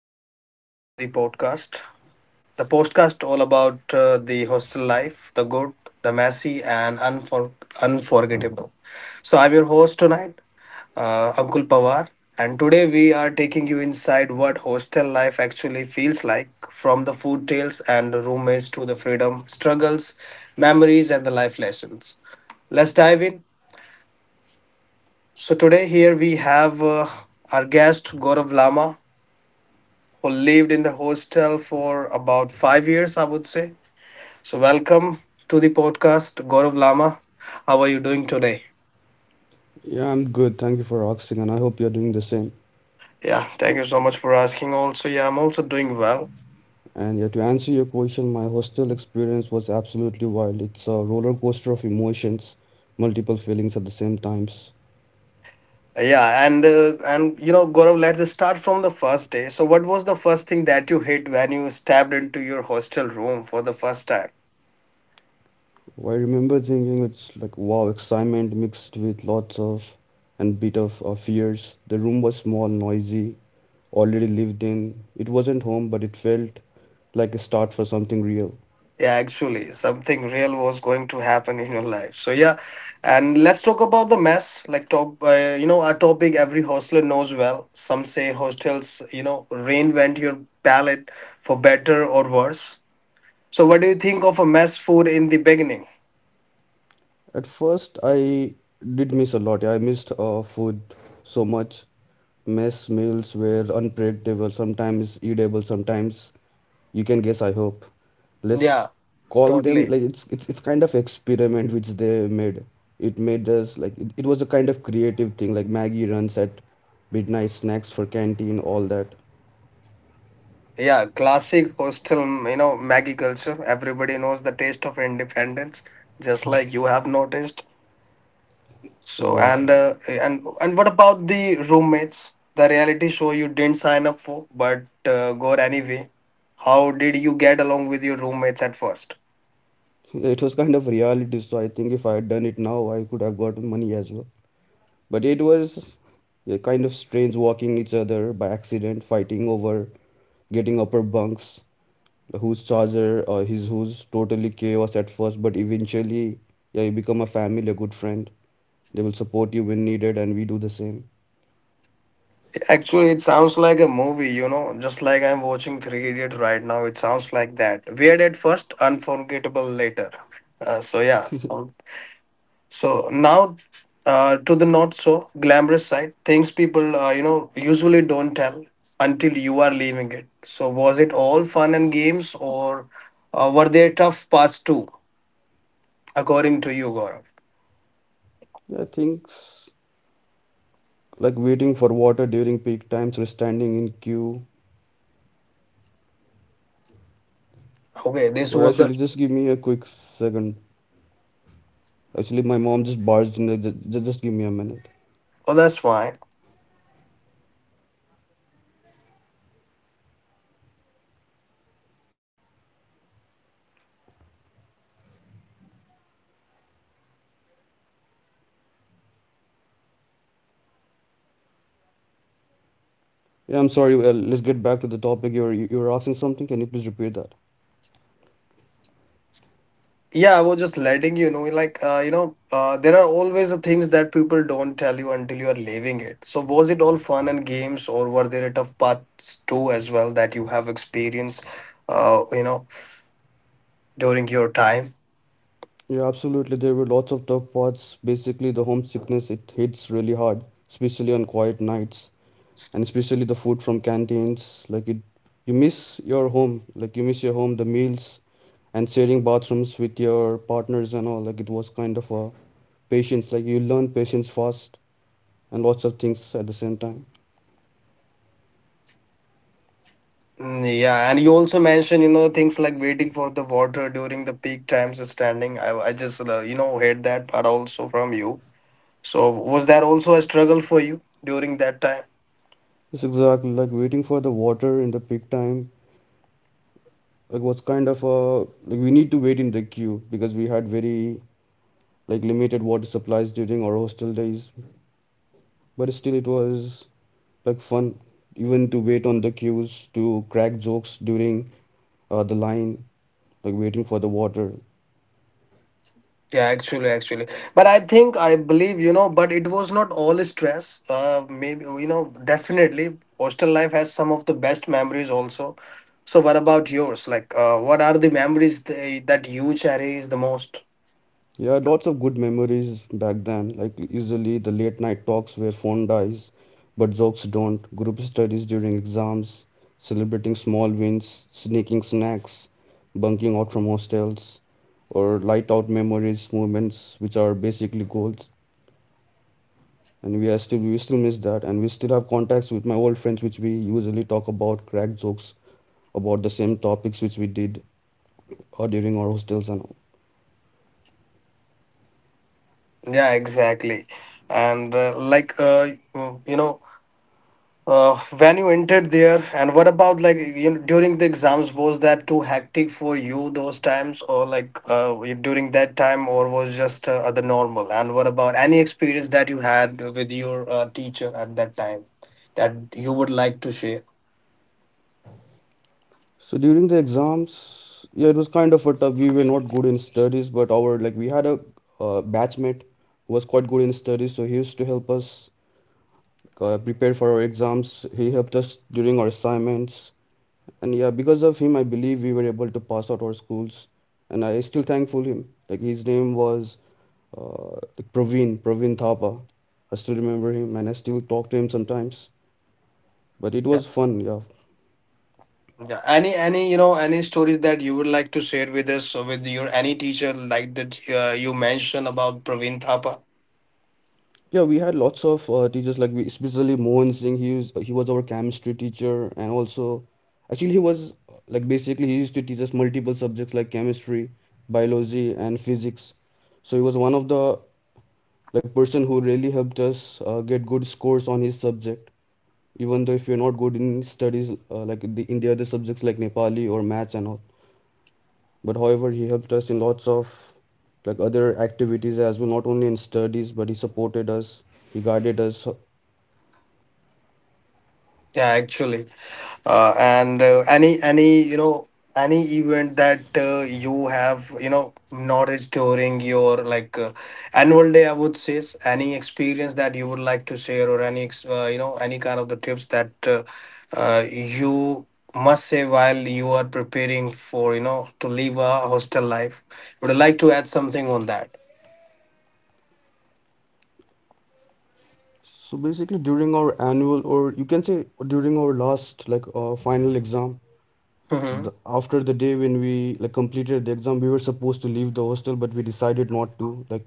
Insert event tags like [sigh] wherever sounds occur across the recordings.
welcome back to the podcast. The podcast all about the hostel life, the good, the messy and unforgettable. So I'm your host tonight, Uncle Pawar, and today we are taking you inside what hostel life actually feels like, from the food tales and the roommates to the freedom struggles, memories and the life lessons. Let's dive in. So today here we have our guest Gaurav Lama, who lived in the hostel for about 5 years, I would say. So, welcome to the podcast, Gaurav Lama. How are you doing today? Yeah, I'm good. Thank you for asking, and I hope you're doing the same. Yeah, thank you so much for asking. Also, yeah, I'm also doing well. And yeah, to answer your question, my hostel experience was absolutely wild. It's a roller coaster of emotions, multiple feelings at the same times. Yeah, and you know, Gaurav, let's start from the first day. So, what was the first thing that you hit when you stepped into your hostel room for the first time? I remember thinking it's like wow, excitement mixed with lots of and bit of fears. The room was small, noisy, already lived in. It wasn't home, but it felt like a start for something real. Yeah, actually, something real was going to happen in your life. So yeah, and let's talk about the mess. Like top, you know, a topic every hostler knows well. Some say hostels, you know, reinvent your palate for better or worse. So what do you think of a mess food in the beginning? At first, I did miss a lot. Yeah, I missed food so much. Mess meals were unpredictable, sometimes eatable, sometimes you can guess, I hope. Let's Yeah, call them totally. like it's kind of experiment which they made. It made us like it was a kind of creative thing, like Maggie runs at midnight snacks for canteen, all that. Yeah, classic hostel, you know, Maggie culture. Everybody knows the taste of independence, just like you have noticed. So Exactly. and and what about the roommates? The reality show you didn't sign up for, but go anyway. How did you get along with your roommates at first? [laughs] It was kind of reality, so I think if I had done it now, I could have gotten money as well. But it was a kind of strange walking each other by accident, fighting over getting upper bunks. Who's Charger or he's who's totally chaos at first, but eventually, yeah, you become a family, a good friend. They will support you when needed, and we do the same. Actually, it sounds like a movie, you know, just like I'm watching Three Idiots right now. It sounds like that. Weird at first, unforgettable later. Uh, so yeah. so So now to the not so glamorous side, things people you know usually don't tell until you are leaving it. So was it all fun and games, or were there tough parts too, according to you, Gaurav? Yeah, things like waiting for water during peak times or standing in queue. Okay, this Or was the. actually, just give me a quick second. Actually, my mom just barged in. Like, just give me a minute. Oh, that's fine. Yeah, I'm sorry. Let's get back to the topic. You were asking something. Can you please repeat that? Yeah, I was just letting you know, like you know, there are always the things that people don't tell you until you are leaving it. So was it all fun and games, or were there tough parts too as well that you have experienced? You know, during your time. Yeah, absolutely. There were lots of tough parts. Basically, the homesickness, it hits really hard, especially on quiet nights. And especially the food from canteens, like it, you miss your home, like you miss your home, the meals, and sharing bathrooms with your partners and all, like it was kind of a patience, like you learn patience fast, and lots of things at the same time. Mm, yeah, and you also mentioned, you know, things like waiting for the water during the peak times of standing. I just, you know, heard that part also from you. So was that also a struggle for you during that time? It's exactly like waiting for the water in the peak time, like, was kind of a, like, we need to wait in the queue because we had very like limited water supplies during our hostel days. But still, it was like fun even to wait on the queues, to crack jokes during the line, like waiting for the water. Yeah, actually, actually. But I think, I believe, you know, but it was not all stress. Maybe, you know, definitely hostel life has some of the best memories also. So what about yours? Like, what are the memories they, that you cherish the most? Yeah, lots of good memories back then. Like usually the late night talks where phone dies, but jokes don't. Group studies during exams, celebrating small wins, sneaking snacks, bunking out from hostels, or light out memories, moments which are basically goals. And we still miss that, and we still have contacts with my old friends, which we usually talk about, crack jokes about the same topics which we did during our hostels and all. Yeah, exactly. And you know, when you entered there, and what about like you know during the exams? Was that too hectic for you those times, or during that time, or was just the normal? And what about any experience that you had with your teacher at that time that you would like to share? So during the exams, yeah, it was kind of a tough. We were not good in studies, but our, like, we had a batchmate who was quite good in studies, so he used to help us prepare for our exams. He helped us during our assignments, and yeah, because of him, I believe we were able to pass out our schools, and I still thankful him. Like his name was like Praveen, Praveen Thapa. I still remember him and I still talk to him sometimes. But it Yeah, was fun, yeah. yeah. Any you know any stories that you would like to share with us or with your any teacher like that you mentioned about Praveen Thapa? Yeah, we had lots of teachers, like we, especially Mohan Singh. He was our chemistry teacher, and also actually he was like basically he used to teach us multiple subjects like chemistry, biology and physics. So he was one of the like person who really helped us get good scores on his subject. Even though if you're not good in studies like the, in the other subjects like Nepali or maths and all. But however, he helped us in lots of like other activities as well, not only in studies, but he supported us, he guided us. So, Yeah, actually. And any you know any event that you have you know noticed during your annual day, I would say, any experience that you would like to share, or any you know, any kind of the tips that you must say while you are preparing for you know to live a hostel life. Would you like to add something on that? so basically, during our annual, or you can say during our last final exam, Hmm. the, after the day when we like completed the exam, we were supposed to leave the hostel, but we decided not to. Like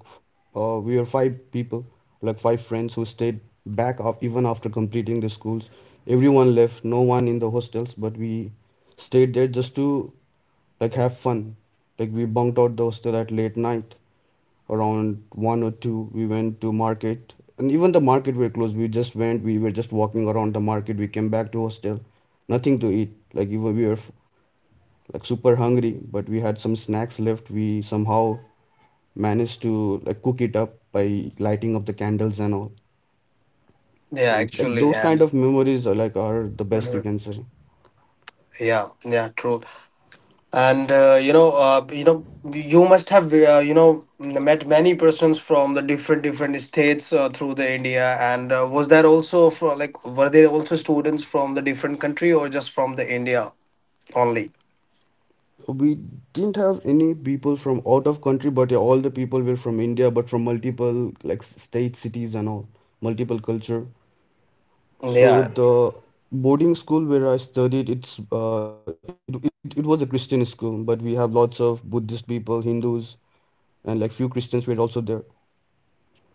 we were 5 people, like 5 friends who stayed back af even after completing the schools. Everyone left, no one in the hostels, but we stayed there just to like have fun. Like we bunked out the hostel at late night around one or two. We went to market, and even the market were closed. We just went. We were just walking around the market. We came back to hostel, nothing to eat. Like even we were like super hungry, but we had some snacks left. We somehow managed to like cook it up by lighting up the candles and all. Yeah, And actually. those kind of And memories are like are the best you mhm. can say. Yeah, yeah, true. And you know, you know, you must have you know met many persons from the different different states through the India, and was there also from like, were there also students from the different country, or just from the India only? We didn't have any people from out of country, but yeah, all the people were from India, but from multiple like state cities and all, multiple culture. So Yeah. the boarding school where I studied, it it was a Christian school, but we have lots of Buddhist people, Hindus, and like few Christians were also there.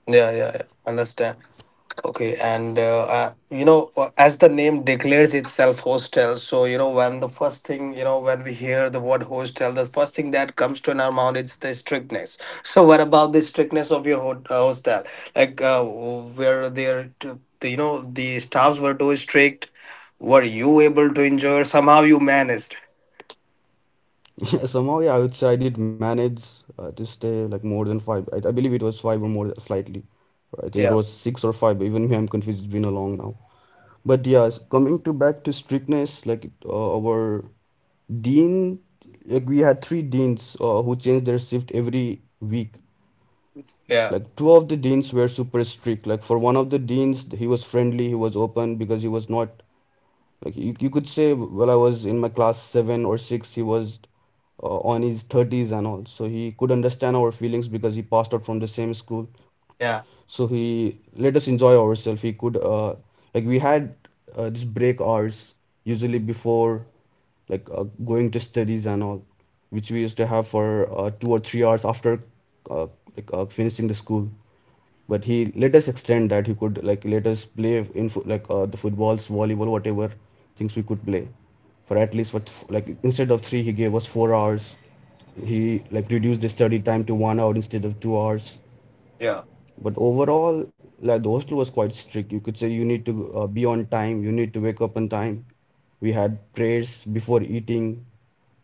Yeah, yeah, yeah. Understand. Okay, and you know, as the name declares itself, hostel. So you know, when the first thing you know, when we hear the word hostel, the first thing that comes to in our mind is the strictness. [laughs] So what about the strictness of your hostel? Like, were there, to, you know, the staffs were too strict? Were you able to enjoy? Somehow you managed. [laughs] Yeah, somehow, yeah, I would say I did manage to stay like more than five. I believe it was five or more slightly. I think it was Yeah, six or five. Even me, I'm confused. It's been a long now. But yeah, coming to back to strictness, like our dean, like we had 3 deans who changed their shift every week. yeah, Like two of the deans were super strict. Like for one of the deans, he was friendly, he was open because he was not like, you could say, well, I was in my class seven or six, he was on his 30s and all. So he could understand our feelings because he passed out from the same school, yeah, so he let us enjoy ourselves. He could like we had this break hours usually before going to studies and all, which we used to have for 2 or 3 hours after uh, finishing the school. But he let us extend that. He could, like, let us play in the footballs, volleyball, whatever things we could play for at least, what, like instead of three he gave us 4 hours. He like reduced the study time to 1 hour instead of 2 hours. yeah, But overall, like the hostel was quite strict. You could say you need to be on time, you need to wake up on time. We had prayers before eating,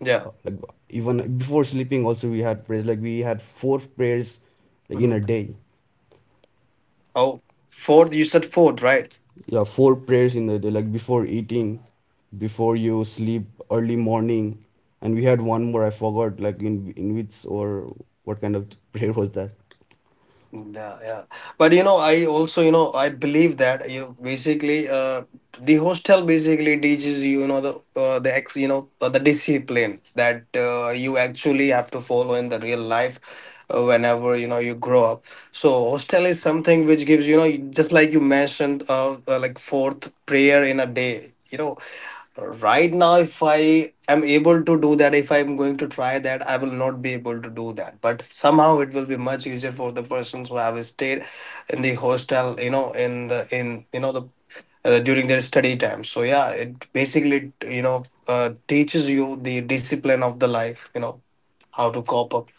yeah. Like even before sleeping also we had prayers. Like we had 4 prayers like in a Mhm. day. Oh, fourth, you said fourth, right? Yeah, 4 prayers in a day, like before eating, before you sleep, early morning, and we had one more I forgot, like in which or what kind of [laughs] prayer was that? Yeah, yeah. But you know, I also, you know, I believe that, you know, basically, the hostel basically teaches you, you know, the you know, the discipline that you actually have to follow in the real life, whenever, you know, you grow up. So hostel is something which gives, you know, just like you mentioned, like fourth prayer in a day. You know, right now if I am able to do that, if I'm going to try that, I will not be able to do that, but somehow it will be much easier for the persons who have stayed in the hostel, you know, in the in you know the during their study time. So yeah, it basically, you know, teaches you the discipline of the life, you know, how to cope up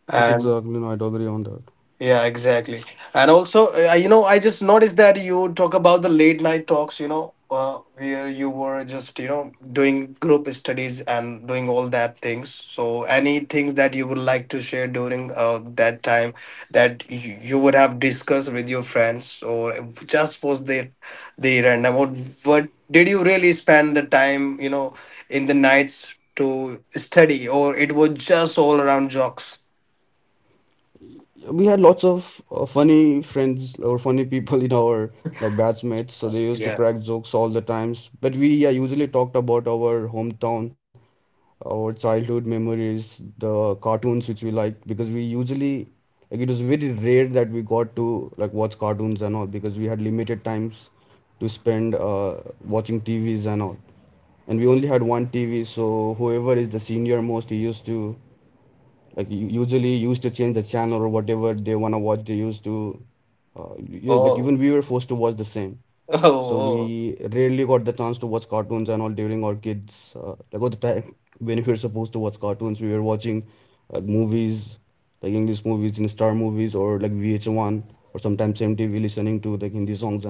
Yes, exactly. and. No, I'd agree on that. Yeah, exactly. And also, you know, I just noticed that you talk about the late night talks, you know, where you were just, you know, doing group studies and doing all that things. So, any things that you would like to share during that time that you would have discussed with your friends, or if just was the random, or what did you really spend the time, you know, in the nights to study, or it was just all around jokes? We had lots of funny friends or funny people in our like batchmates, so they used to Yeah. crack jokes all the times, but we, yeah, usually talked about our hometown, our childhood memories, the cartoons which we liked, because we usually, like, it was very rare that we got to like watch cartoons and all because we had limited times to spend watching TVs and all, and we only had one TV, so whoever is the senior most, he used to usually used to change the channel, or whatever they want to watch they used to yeah, like even we Oh. were forced to watch the same. Oh, So oh. we rarely got the chance to watch cartoons and all during our kids, like all the time when we were supposed to watch cartoons we were watching like movies, like english movies in star movies, or like VH1, or sometimes MTV listening to like hindi songs and all.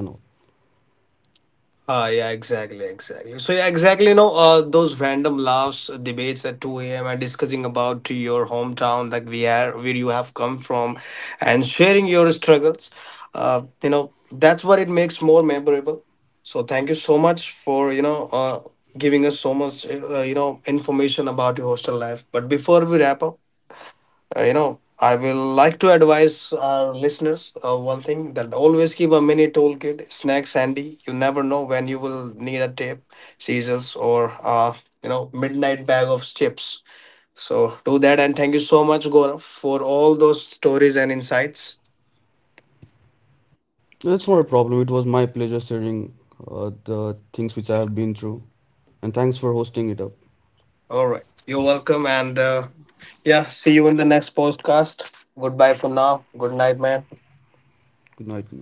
Ah, yeah, exactly, exactly. So yeah, exactly. You know, those random laughs, debates at 2 a.m., and discussing about your hometown that we are, where you have come from, and sharing your struggles. You know, that's what it makes more memorable. So thank you so much for you know giving us so much you know information about your hostel life. But before we wrap up, you know, I will like to advise our listeners one thing, that always keep a mini toolkit, snacks handy. You never know when you will need a tape, scissors, or you know, midnight bag of chips. So do that, and thank you so much, Gaurav, for all those stories and insights. That's not a problem. It was my pleasure sharing the things which I have been through, and thanks for hosting it up. All right, you're welcome, and yeah, see you in the next podcast. Goodbye for now. Good night, man. Good night. Good night.